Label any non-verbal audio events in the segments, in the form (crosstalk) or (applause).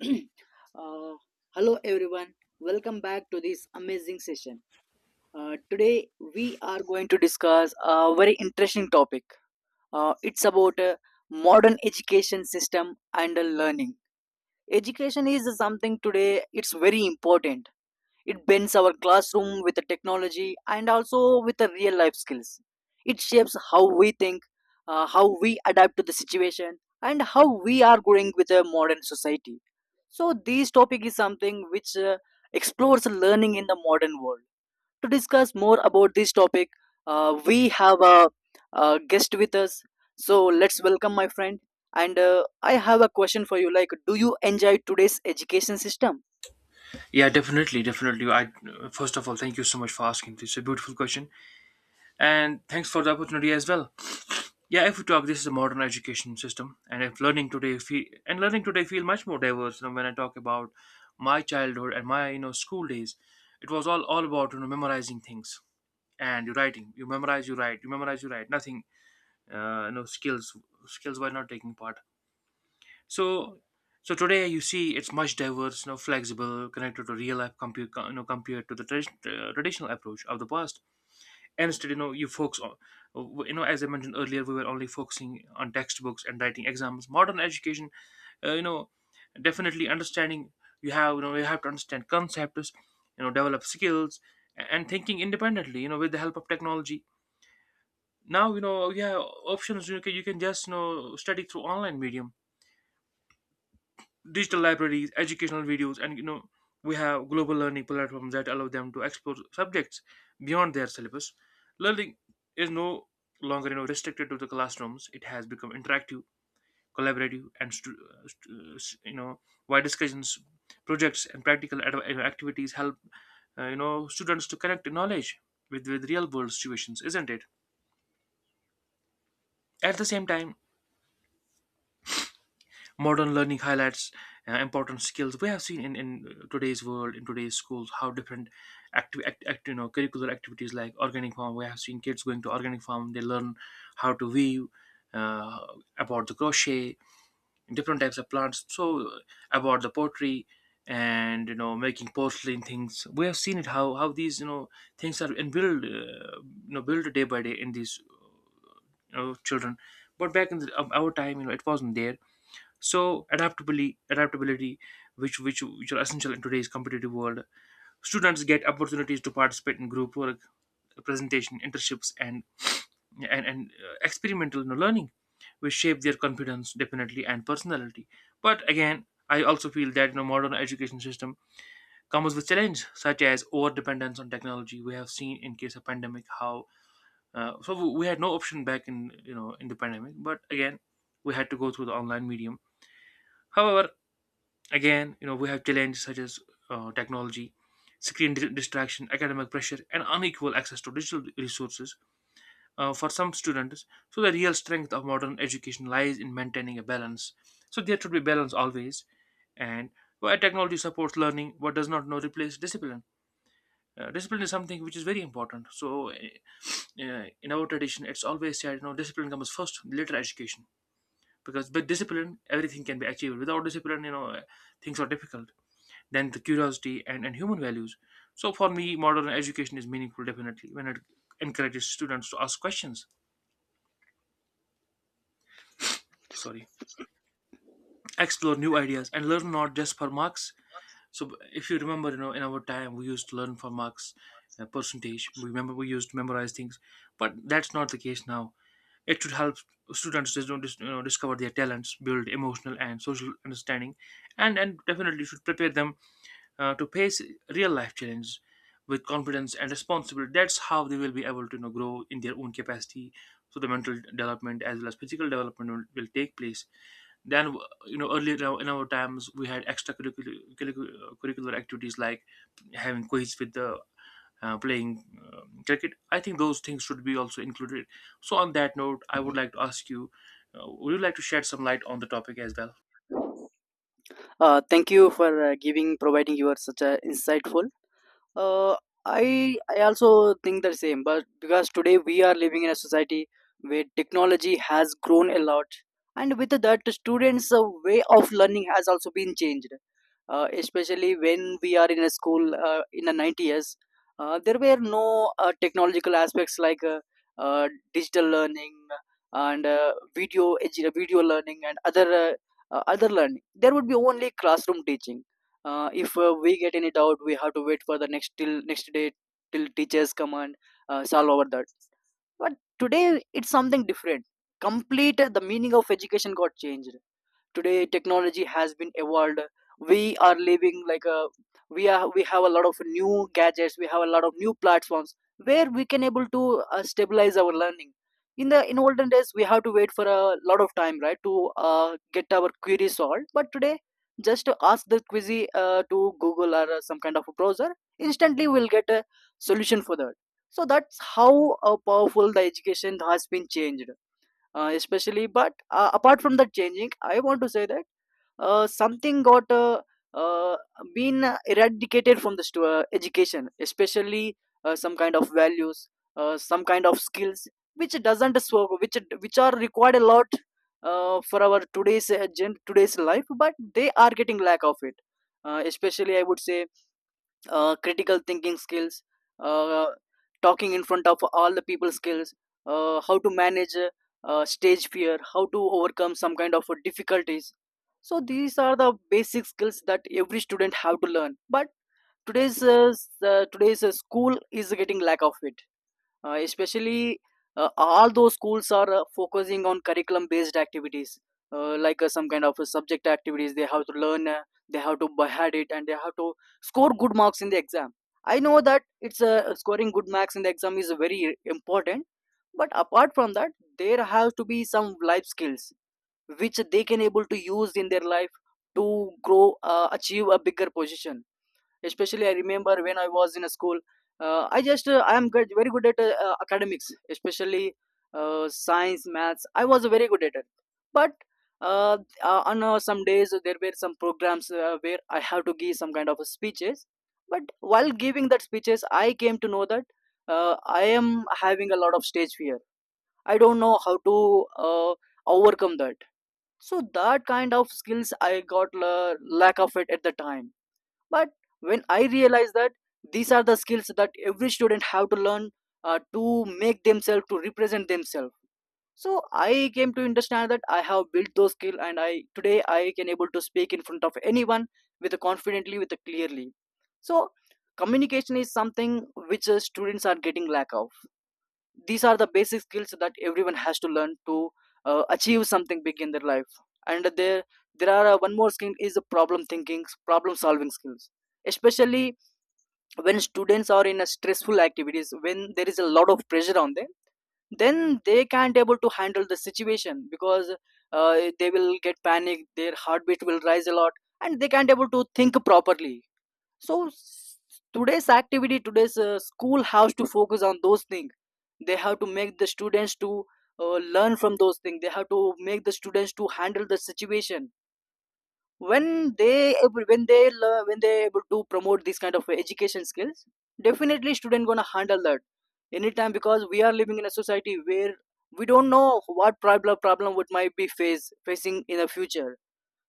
(clears throat) Uh, Hello everyone, welcome back to this amazing session. Today we are going to discuss a very interesting topic. It's about modern education system and learning. Education is something today, it's very important. It bends our classroom with the technology and also with the real life skills. It shapes how we think, how we adapt to the situation, and how we are growing with a modern society. So, this topic is something which explores learning in the modern world. To discuss more about this topic, we have a guest with us. So let's welcome my friend. And I have a question for you. Like, do you enjoy today's education system? Yeah, definitely, definitely. I, first of all, thank you so much for asking this. It's a beautiful question, and thanks for the opportunity as well. Yeah, if we talk, this is a modern education system, and if learning today feel much more diverse. You know, when I talk about my childhood and my school days, it was all about memorizing things and you writing. You memorize, you write. You memorize, you write. Nothing, uh, you know, skills skills were not taking part. So, so today you see it's much diverse, you know, flexible, connected to real life compared to the traditional approach of the past. And instead, you focus on, as I mentioned earlier, we were only focusing on textbooks and writing exams. Modern education, uh, you know, definitely understanding, you have to understand concepts, develop skills and thinking independently, you know, with the help of technology. Now, you know, you have options. You can just, study through online medium, digital libraries, educational videos, and we have global learning platforms that allow them to explore subjects beyond their syllabus. Learning is no longer restricted to the classrooms. It has become interactive, collaborative, and uh, stu- uh, s- you know why discussions, projects, and practical activities help students to connect knowledge with real world situations, isn't it? At the same time, modern learning highlights important skills. We have seen in today's world, in today's schools, how different active act, act, you know curricular activities like organic farm. We have seen kids going to organic farm, they learn how to weave, uh, about the crochet, different types of plants, so about the pottery, and making porcelain things. We have seen it, how these, things are, and build, build day by day in these, children. But back in of our time, it wasn't there. So adaptability, which are essential in today's competitive world. Students get opportunities to participate in group work, presentation, internships, and experimental, learning, which shape their confidence definitely and personality. But again, I also feel that, modern education system comes with challenge such as over dependence on technology. We have seen in case of pandemic how, so we had no option back in, in the pandemic, but again we had to go through the online medium. However, again, you know, we have challenges such as technology, screen distraction, academic pressure, and unequal access to digital resources for some students. So, the real strength of modern education lies in maintaining a balance. So, there should be balance always. And where technology supports learning, what does not know replace discipline. Discipline is something which is very important. So, in our tradition, it's always said, you know, discipline comes first, later education. Because with discipline, everything can be achieved. Without discipline, things are difficult than the curiosity, and human values. So for me, modern education is meaningful definitely when it encourages students to ask questions, sorry, explore new ideas and learn not just for marks. So if you remember, you know, in our time we used to learn for marks, percentage. We remember we used to memorize things, but that's not the case now. It should help students discover their talents, build emotional and social understanding, and definitely should prepare them to face real life challenges with confidence and responsibility. That's how they will be able to, grow in their own capacity, so the mental development as well as physical development will take place. Then, you know, earlier, in our times we had extracurricular curricular activities like having quiz with the, playing, cricket. I think those things should be also included. So on that note, I would like to ask you, would you like to shed some light on the topic as well? Thank you for giving providing your such a insightful. Uh, I also think the same, but because today we are living in a society where technology has grown a lot, and with that, the students' way of learning has also been changed. Especially when we are in a school in the 90s, there were no technological aspects like digital learning and video learning and other other learning. There would be only classroom teaching. If we get any doubt, we have to wait for the next day till teachers come and solve over that. But today it's something different, complete. The meaning of education got changed. Today technology has been evolved. we are living like a we have a lot of new gadgets, we have a lot of new platforms where we can able to stabilize our learning. In olden days, we have to wait for a lot of time, right, to get our query solved. But today, just to ask the query to Google or some kind of a browser, instantly we'll get a solution for that. So that's how powerful the education has been changed. Especially, but apart from that changing, I want to say that something got uh, been eradicated from the education, especially some kind of values, some kind of skills, which doesn't so which are required a lot for our today's today's life, but they are getting lack of it. Especially, I would say critical thinking skills, uh, talking in front of all the people skills, how to manage stage fear, how to overcome some kind of difficulties. So these are the basic skills that every student have to learn. But today's today's school is getting lack of it. Especially all those schools are focusing on curriculum based activities, like some kind of subject activities they have to learn. They have to behead it and they have to score good marks in the exam. I know that it's scoring good marks in the exam is very important, but apart from that, there have to be some life skills which they can able to use in their life to grow, achieve a bigger position. Especially, I remember when I was in a school, I am good, very good at academics, especially science, maths. I was very good at it, but on some days there were some programs where I have to give some kind of speeches. But while giving that speeches, I came to know that I am having a lot of stage fear. I don't know how to overcome that. So that kind of skills I got la lack of it at the time. But when I realized that these are the skills that every student have to learn to make themselves to represent themselves, so I came to understand that I have built those skill and I today I can able to speak in front of anyone with a confidently, with a clearly. So communication is something which students are getting lack of. These are the basic skills that everyone has to learn to achieve something big in their life. And there are one more skill is the problem solving skills. Especially when students are in a stressful activities, when there is a lot of pressure on them, then they can't able to handle the situation because they will get panic, their heartbeat will rise a lot, and they can't able to think properly. So today's activity, today's school has to focus on those things. They have to make the students to learn from those things. They have to make the students to handle the situation when they when they able to promote these kind of education skills, definitely student gonna handle that anytime, because we are living in a society where we don't know what problem would might be face facing in the future.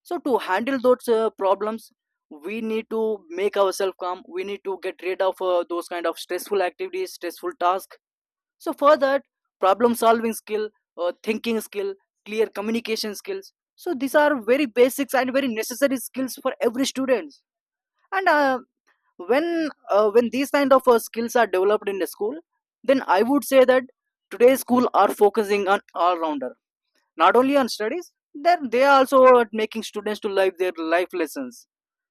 So to handle those problems, we need to make ourselves calm, we need to get rid of those kind of stressful activities, stressful tasks. So for that, problem solving skill, thinking skill, clear communication skills. So these are very basics and very necessary skills for every student. And when when these kind of skills are developed in the school, then I would say that today's school are focusing on all rounder, not only on studies, then they are also at making students to live their life lessons.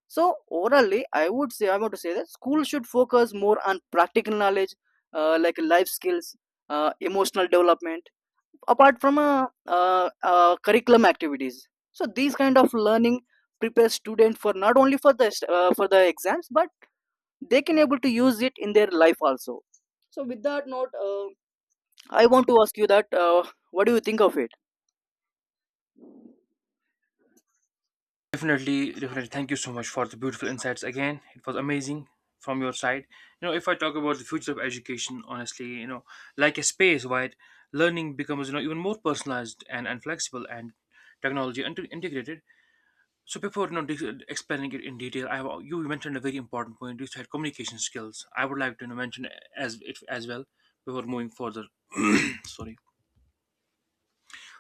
So orally I would say, I want to say that school should focus more on practical knowledge, like life skills, emotional development, apart from curriculum activities. So these kind of learning prepares student for not only for the for the exams, but they can able to use it in their life also. So with that note, I want to ask you that, what do you think of it? Definitely, definitely. Thank you so much for the beautiful insights again. It was amazing from your side. You know, if I talk about the future of education, honestly, you know, like a space where learning becomes, you know, even more personalized, and flexible, and technology integrated. So before, you know, explaining it in detail, you mentioned a very important point. You said communication skills. I would like to, mention as it as well before moving further. (coughs) (clears throat) Sorry.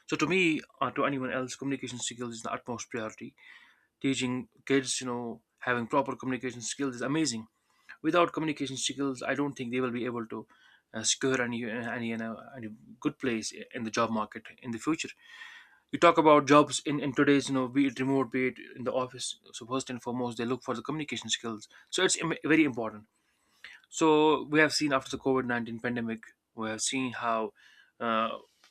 So to me or to anyone else, communication skills is the utmost priority teaching kids, you know, having proper communication skills is amazing. Without communication skills, I don't think they will be able to secure any good place in the job market in the future. You talk about jobs in today's, you know, be it remote, be it in the office. So first and foremost, they look for the communication skills. So it's very important. So we have seen after the COVID-19 pandemic. We have seen how, uh,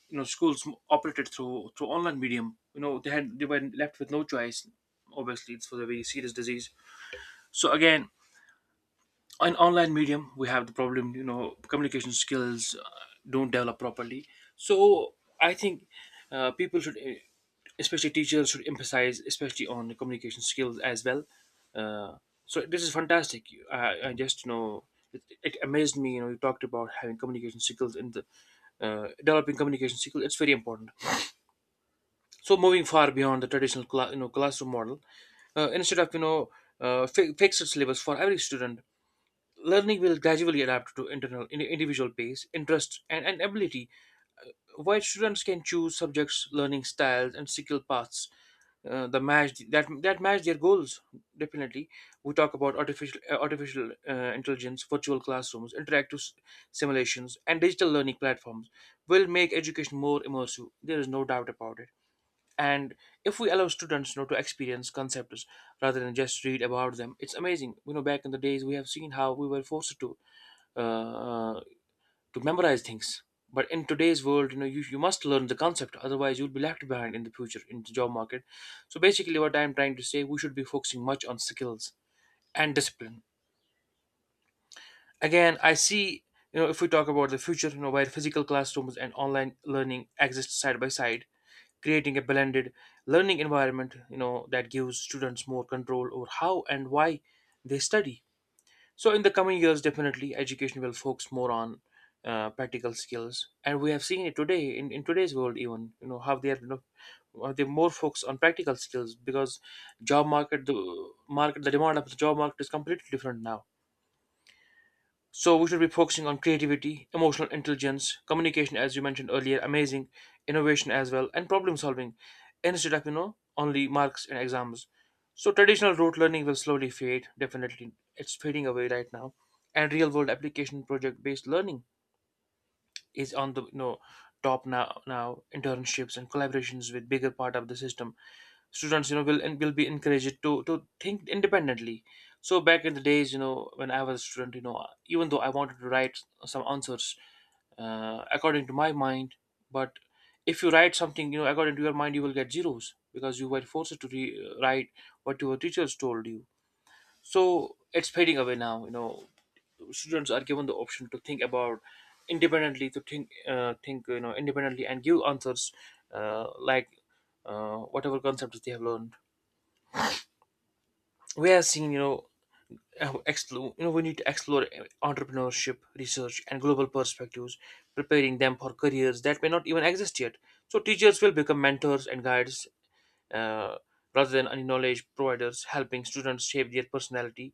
schools operated through online medium. You know, they were left with no choice. Obviously, it's for the very serious disease. So again, in online medium we have the problem, communication skills don't develop properly. So I think, people should, especially teachers, should emphasize especially on the communication skills as well. uh, so this is fantastic. I just, it amazed me. You know, you talked about having communication skills in the, developing communication skills, it's very important. So moving far beyond the traditional classroom model, instead of, fixed syllabus for every student, learning will gradually adapt to internal individual pace, interest, and ability, while students can choose subjects, learning styles, and skill paths the match that that match their goals. Definitely, we talk about artificial intelligence, virtual classrooms, interactive simulations, and digital learning platforms will make education more immersive. There is no doubt about it. And if we allow students, you know, to experience concepts rather than just read about them, it's amazing. You know, back in the days, we have seen how we were forced to, uh, to memorize things. But in today's world, you know, you must learn the concept, otherwise you'll be left behind in the future in the job market. So basically, what I'm trying to say, we should be focusing much on skills and discipline. Again, I see, you know, if we talk about the future, you know, where physical classrooms and online learning exist side by side, creating a blended learning environment, you know, that gives students more control over how and why they study. So in the coming years, definitely education will focus more on practical skills, and we have seen it today in today's world even, you know, how they are, you know, how they more focus on practical skills, because job market the demand of the job market is completely different now. So we should be focusing on creativity, emotional intelligence, communication, as you mentioned earlier, amazing, innovation as well, and problem solving, instead of, you know, only marks and exams. So traditional rote learning will slowly fade. Definitely, it's fading away right now, and real world application, project based learning is on the, you know, top now. Now internships and collaborations with bigger part of the system students will and will be encouraged to think independently. So back in the days, when I was a student, even though I wanted to write some answers according to my mind, but if you write something, according to your mind, you will get zeros, because you were forced to write what your teachers told you. So it's fading away now, you know. Students are given the option to think about independently, to think independently and give answers, like whatever concepts they have learned. We have seen, explore, we need to explore entrepreneurship, research and global perspectives, preparing them for careers that may not even exist yet. So teachers will become mentors and guides, uh, rather than only knowledge providers, helping students shape their personality,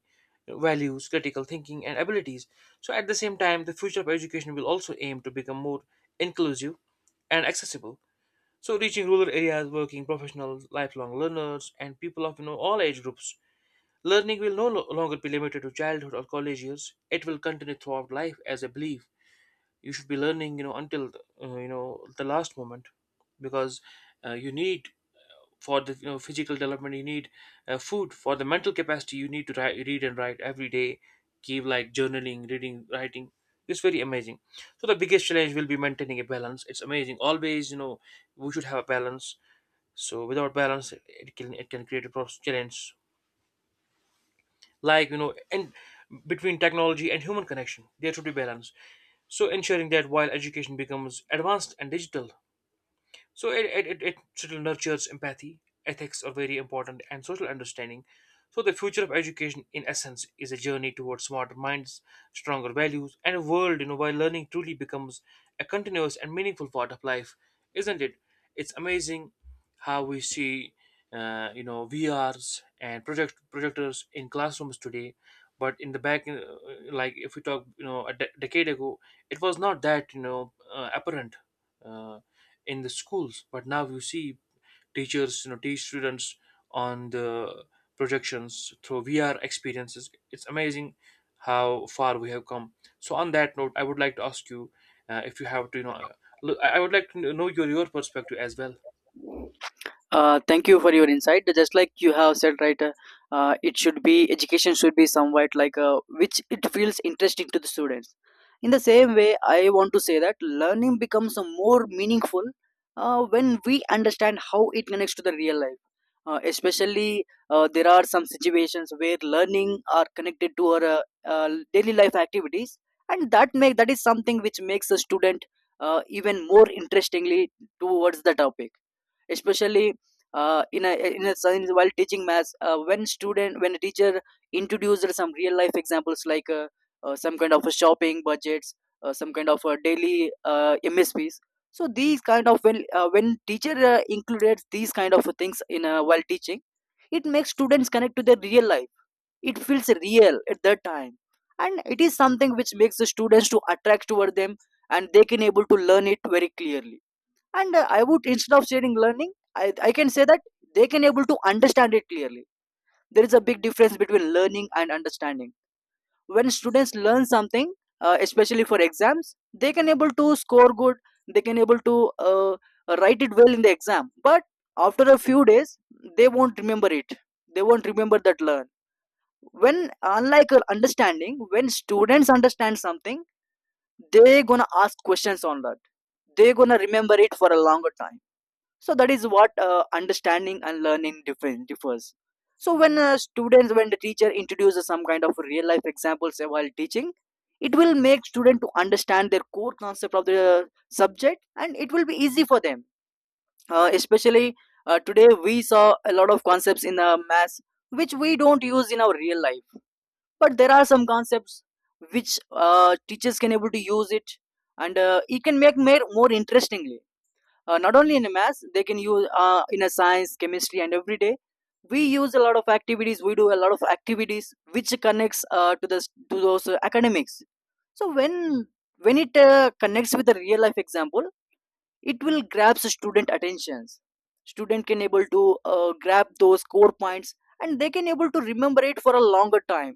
values, critical thinking and abilities. So at the same time, the future of education will also aim to become more inclusive and accessible, so reaching rural areas, working professionals, lifelong learners and people of, all age groups. Learning will no lo- longer be limited to childhood or college years. It will continue throughout life, as I believe. You should be learning, you know, until the last moment, because you need, for the, physical development you need food. For the mental capacity, you need to write, read and write every day. Keep like journaling, reading, writing. It's very amazing. So the biggest challenge will be maintaining a balance. It's amazing. Always, you know, we should have a balance. So without balance, it can create a challenge, like you know and, between technology and human connection, there should be balance. So ensuring that while education becomes advanced and digital, so it sort of nurtures empathy, ethics are very important, and social understanding. So the future of education, in essence, is a journey towards smarter minds, stronger values, and a world, you know, where learning truly becomes a continuous and meaningful part of life, isn't it? It's amazing how we see, you know, VRs and projectors in classrooms today, but in the back, like if we talk, you know, a decade ago, it was not that, you know, apparent. Uh, in the schools, but now you see teachers, teach students on the projections through VR experiences. It's amazing how far we have come. So on that note, I would like to ask you, if you have to, look, I would like to know your perspective as well. Thank you for your insight. Just like you have said, right, it should be education should be somewhat like which it feels interesting to the students. In the same way, I want to say that learning becomes a more meaningful when we understand how it connects to the real life. Especially, there are some situations where learning are connected to our daily life activities, and that is something which makes a student even more interestingly towards the topic. Especially in a science, while teaching maths, when a teacher introduced some real life examples, like some kind of a shopping budgets, some kind of a daily msps. So these kind of, when teacher included these kind of things in, while teaching, it makes students connect to their real life. It feels real at that time, and it is something which makes the students to attract toward them, and they can able to learn it very clearly. And I would, instead of saying learning, I can say that they can able to understand it clearly. There is a big difference between learning and understanding. When students learn something, especially for exams, they can able to score good, they can able to write it well in the exam, but after a few days they won't remember it. They won't remember that learn. When, unlike understanding, when students understand something, they gonna ask questions on that, they gonna remember it for a longer time. So that is what understanding and learning different differs. So when students when the teacher introduces some kind of real life examples while teaching, it will make student to understand their core concept of the subject, and it will be easy for them. Especially, today we saw a lot of concepts in math which we don't use in our real life, but there are some concepts which teachers can able to use it, and it can make more interestingly. Not only in maths, they can use in a science, chemistry, and every day we use a lot of activities, we do a lot of activities which connects to the to those academics. So when it connects with the real life example, it will grabs the student attentions. Student can able to grab those core points, and they can able to remember it for a longer time.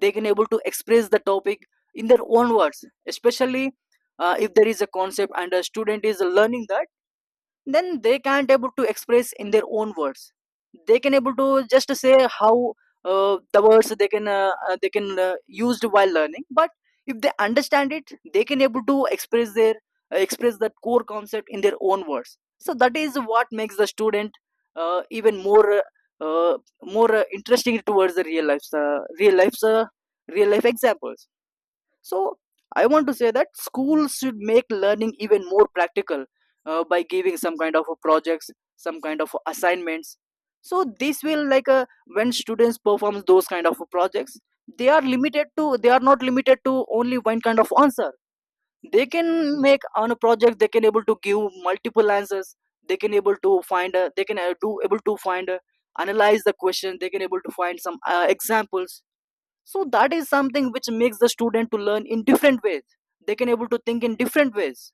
They can able to express the topic in their own words. Especially if there is a concept and a student is learning that, then they can't able to express in their own words. They can able to just say how the words they can used while learning, but if they understand it they can able to express their express that core concept in their own words. So that is what makes the student even more more interesting towards the real life, real life examples. So I want to say that schools should make learning even more practical, by giving some kind of a projects, some kind of assignments. So this will like when students perform those kind of projects, they are not limited to only one kind of answer. They can make on a project. They can able to give multiple answers. They can able to find. They can do able to find, analyze the question. They can able to find some examples. So that is something which makes the student to learn in different ways. They can able to think in different ways.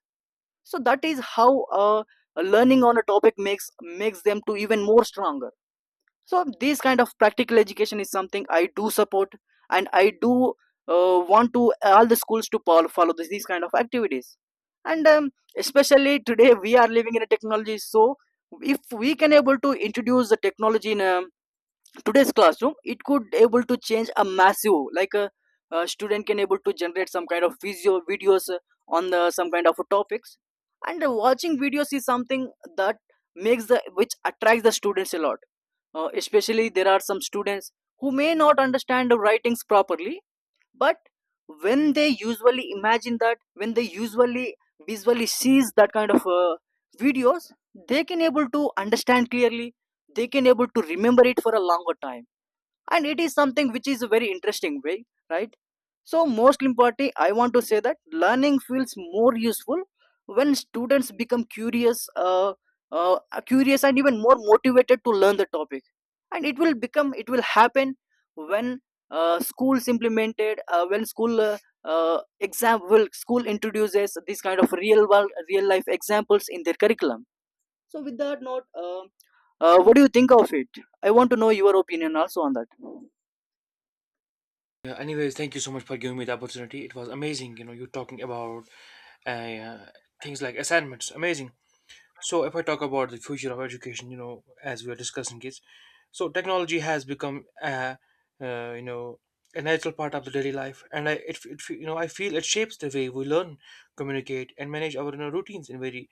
So that is how learning on a topic makes makes them to even more stronger. So this kind of practical education is something I do support, and I do want to all the schools to follow, these kind of activities. And especially today we are living in a technology. So if we can able to introduce the technology in a today's classroom, it could able to change a massive, like a student can able to generate some kind of videos on the some kind of topics. And watching videos is something that makes the which attracts the students a lot. Especially there are some students who may not understand the writings properly. But when they usually imagine, that when they usually visually sees that kind of videos, they can able to understand clearly. They can able to remember it for a longer time, and it is something which is a very interesting way, right? So most importantly I want to say that learning feels more useful when students become curious, uh, curious and even more motivated to learn the topic. And it will become, it will happen when schools implemented when school exam will school introduces these kind of real world, real life examples in their curriculum. So with that note, what do you think of it? I want to know your opinion also on that. Yeah, anyways, thank you so much for giving me the opportunity. It was amazing, you know, you talking about uh, things like assignments, amazing. So if I talk about the future of education, you know, as we are discussing kids, so technology has become, you know, a natural part of the daily life, and I, it, you know, I feel it shapes the way we learn, communicate, and manage our, you know, routines in very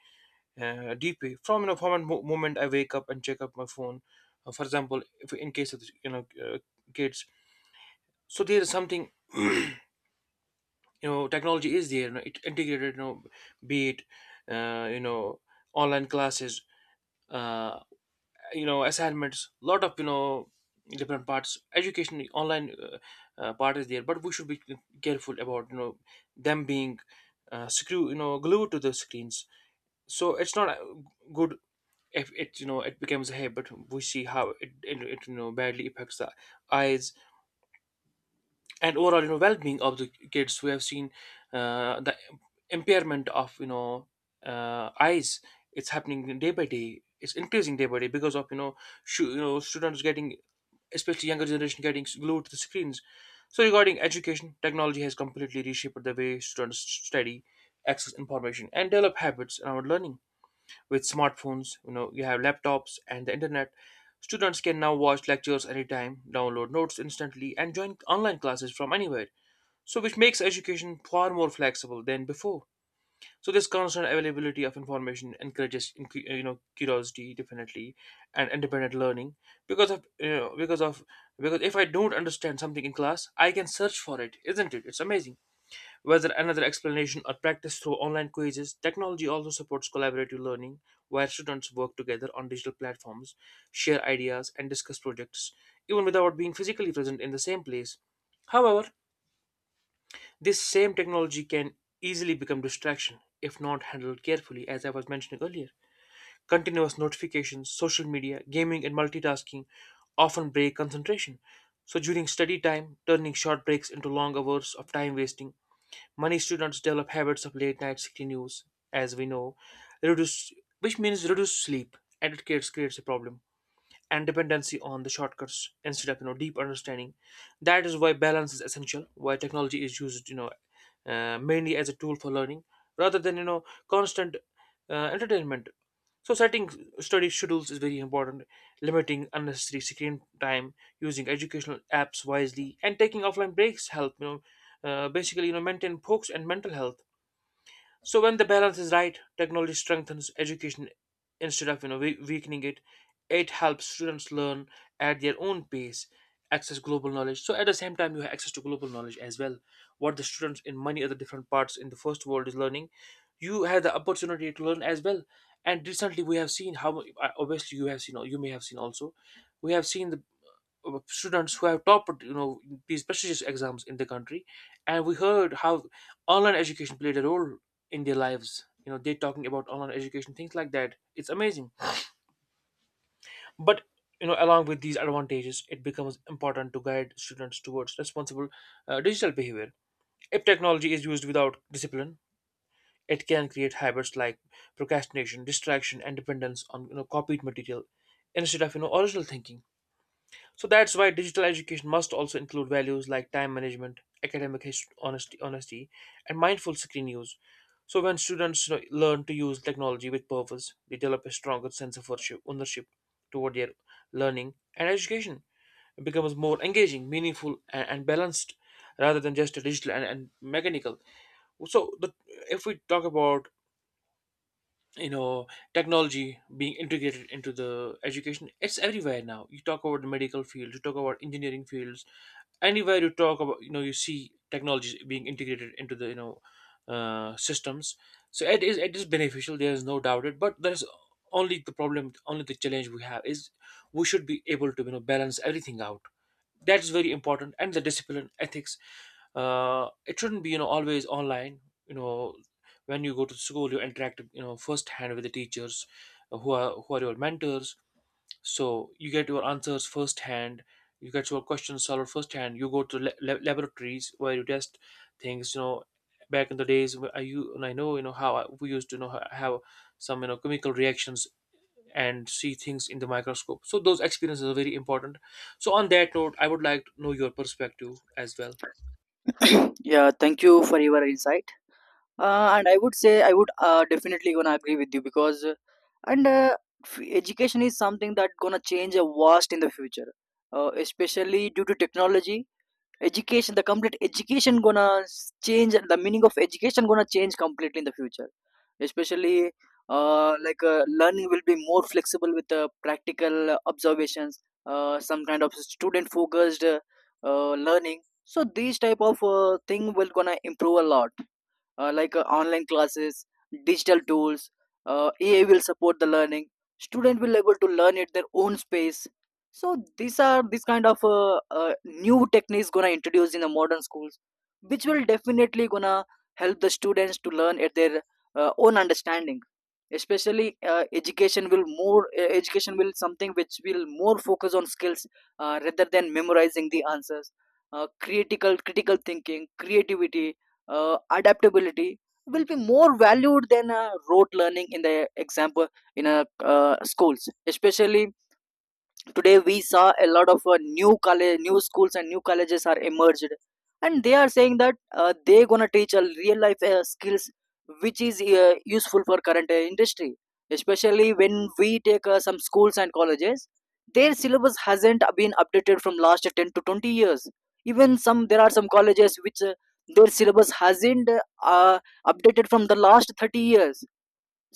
deep way. From, you know, from the moment I wake up and check up my phone, for example, if in case of, kids, so there is something (clears throat) you know, technology is there, you know, it integrated, you know, be it, uh, you know online classes, uh, assignments, lot of, you know, different parts education online, part is there. But we should be careful about, you know, them being screw you know glued to the screens. So it's not, good if it, you know, it becomes a habit. We see how it you know, badly affects the eyes and overall, you know, well-being of the kids. We have seen the impairment of, eyes. It's happening day by day, it's increasing day by day, because of, you know, you know, students getting, especially younger generation, getting glued to the screens. So regarding education, technology has completely reshaped the way students study, access information, and develop habits around learning. With smartphones, you know, you have laptops and the internet. Students can now watch lectures anytime, download notes instantly, and join online classes from anywhere. So which makes education far more flexible than before. So this constant availability of information encourages curiosity, definitely, and independent learning. Because of you know, because of Because if I don't understand something in class, I can search for it, isn't it? It's amazing, whether another explanation or practice through online quizzes. Technology also supports collaborative learning, where students work together on digital platforms, share ideas and discuss projects, even without being physically present in the same place. However, this same technology can easily become distraction if not handled carefully, as I was mentioning earlier. Continuous notifications, social media, gaming, and multitasking often break concentration. So during study time, turning short breaks into long hours of time wasting, many students develop habits of late night screen use, as we know, reduce, which means reduced sleep, and it creates a problem and dependency on the shortcuts instead of, deep understanding. That is why balance is essential, why technology is used, mainly as a tool for learning rather than, constant entertainment. So setting study schedules is very important, limiting unnecessary screen time, using educational apps wisely and taking offline breaks, help, basically, you know, maintain focus and mental health. So when the balance is right, technology strengthens education instead of, weakening it. It helps students learn at their own pace, access global knowledge. So at the same time, you have access to global knowledge as well. What the students in many other different parts in the first world is learning, you have the opportunity to learn as well. And recently, we have seen how, obviously you have seen, or you may have seen also, we have seen the students who have topped, you know, these prestigious exams in the country, and we heard how online education played a role in their lives. You know, they're talking about online education, things like that. It's amazing. But you know, along with these advantages, it becomes important to guide students towards responsible digital behavior. If technology is used without discipline, it can create habits like procrastination, distraction and dependence on, copied material instead of, original thinking. So that's why digital education must also include values like time management, honesty, and mindful screen use. So when students, you know, learn to use technology with purpose, they develop a stronger sense of ownership toward their learning and education, becomes more engaging, meaningful, and balanced, rather than just a digital and mechanical. So the, if we talk about, you know, technology being integrated into the education, it's everywhere now. You talk about the medical field, you talk about engineering fields, anywhere you talk about, you know, you see technologies being integrated into the, systems. So it is beneficial, there is no doubt it, but there's only the problem, only the challenge we have is we should be able to, you know, balance everything out. That is very important. And the discipline, ethics, it shouldn't be, you know, always online. You know, when you go to school, you interact, you know, firsthand with the teachers, who are your mentors. So you get your answers firsthand, you get your questions solved firsthand. You go to laboratories where you test things, you know, back in the days, where I, you and I know, you know how we used to, you know, have some, you know, chemical reactions and see things in the microscope. So those experiences are very important. So on that note, I would like to know your perspective as well. Yeah, thank you for your insight. And I would say, I would definitely gonna agree with you, because and uh, education is something that gonna change a vast in the future, especially due to technology. Education, the complete education gonna change, the meaning of education gonna change completely in the future. Especially, learning will be more flexible with practical observations, some kind of student focused learning. So these type of thing will gonna improve a lot. Online classes, digital tools. AI will support the learning. Student will able to learn at their own space. So these are, this kind of new techniques gonna introduce in the modern schools, which will definitely gonna help the students to learn at their own understanding. Especially education will something which will more focus on skills, rather than memorizing the answers. Critical thinking, creativity, adaptability will be more valued than rote learning in the example, in schools. Especially today we saw a lot of new schools and new colleges are emerged, and they are saying that they gonna teach a real life skills which is useful for current industry. Especially when we take some schools and colleges, their syllabus hasn't been updated from last 10 to 20 years. Even some, there are some colleges which their syllabus hasn't uh, updated from the last 30 years.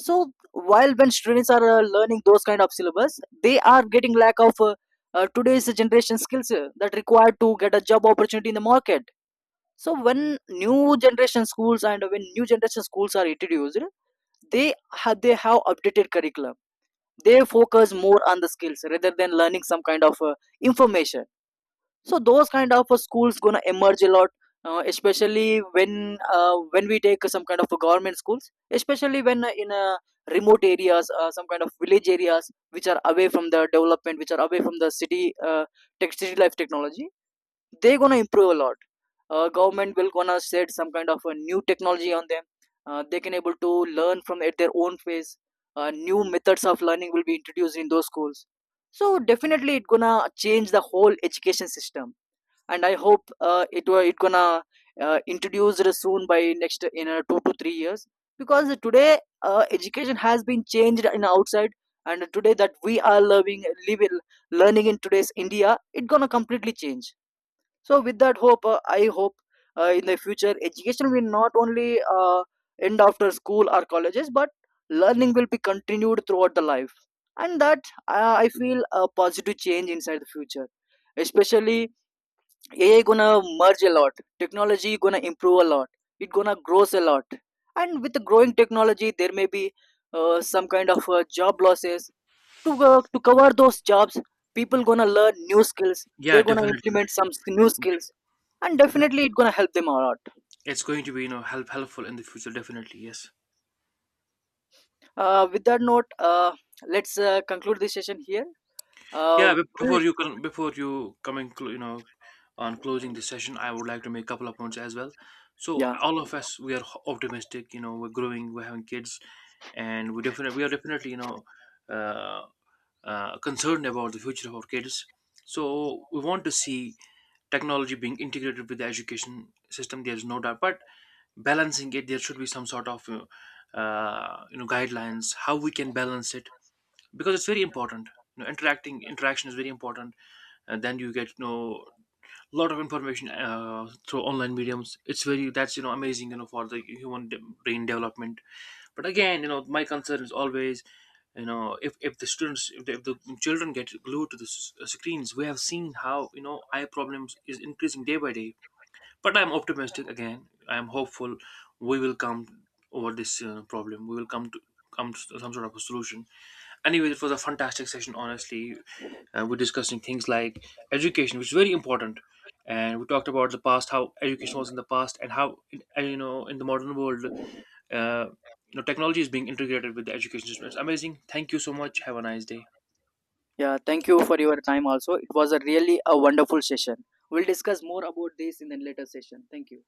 So while, when students are learning those kind of syllabus, they are getting lack of today's generation skills that required to get a job opportunity in the market. So when new generation schools are introduced, they they have updated curriculum. They focus more on the skills rather than learning some kind of information. So those kind of schools gonna emerge a lot, especially when, when we take some kind of a government schools, especially when in remote areas, some kind of village areas which are away from the development, which are away from the city city life technology, they're gonna improve a lot. Government will gonna set some kind of a new technology on them. They can able to learn from at their own pace. New methods of learning will be introduced in those schools. So definitely, it gonna change the whole education system. And I hope it gonna introduced soon by next, in 2 to 3 years. Because today education has been changed in outside, and today that we are loving living, learning in today's india, it gonna completely change. So with that hope, I hope in the future education will not only uh, end after school or colleges, but learning will be continued throughout the life. And that, I feel a positive change inside the future. Especially AI gonna merge a lot. Technology gonna improve a lot. It gonna grows a lot. And with the growing technology, there may be some kind of job losses. To cover those jobs, people gonna learn new skills. Yeah, They're gonna definitely. implement some new Def- skills, and def- definitely it gonna help them a lot. It's going to be, you know, helpful in the future. Definitely, yes. With that note, let's conclude this session here. Uh, Yeah, we'll- before you can, before you coming clo- you know on closing the session, I would like to make a couple of points as well. So yeah, all of us, we are optimistic. You know, we're growing, we're having kids, and we are definitely, you know, uh, concerned about the future of our kids. So we want to see technology being integrated with the education system, there's no doubt, but balancing it, there should be some sort of, guidelines how we can balance it, because it's very important. You know, interacting interaction is very important, and then you get to know a lot of information, through online mediums. It's very, that's, you know, amazing, you know, for the human brain development. But again, you know, my concern is always, you know, if the students, if the children get glued to the screens. We have seen how, you know, eye problems is increasing day by day. But I'm optimistic, again I'm hopeful, we will come over this problem. We will come to some sort of a solution. Anyway, it was a fantastic session honestly. We're discussing things like education, which is very important. And we talked about the past, how education was in the past and how you know, in the modern world, uh, you know, technology is being integrated with the education system. It's amazing. Thank you so much, have a nice day. yeah. Thank you for your time. Also, it was a really a wonderful session. We'll discuss more about this in the later session. Thank you.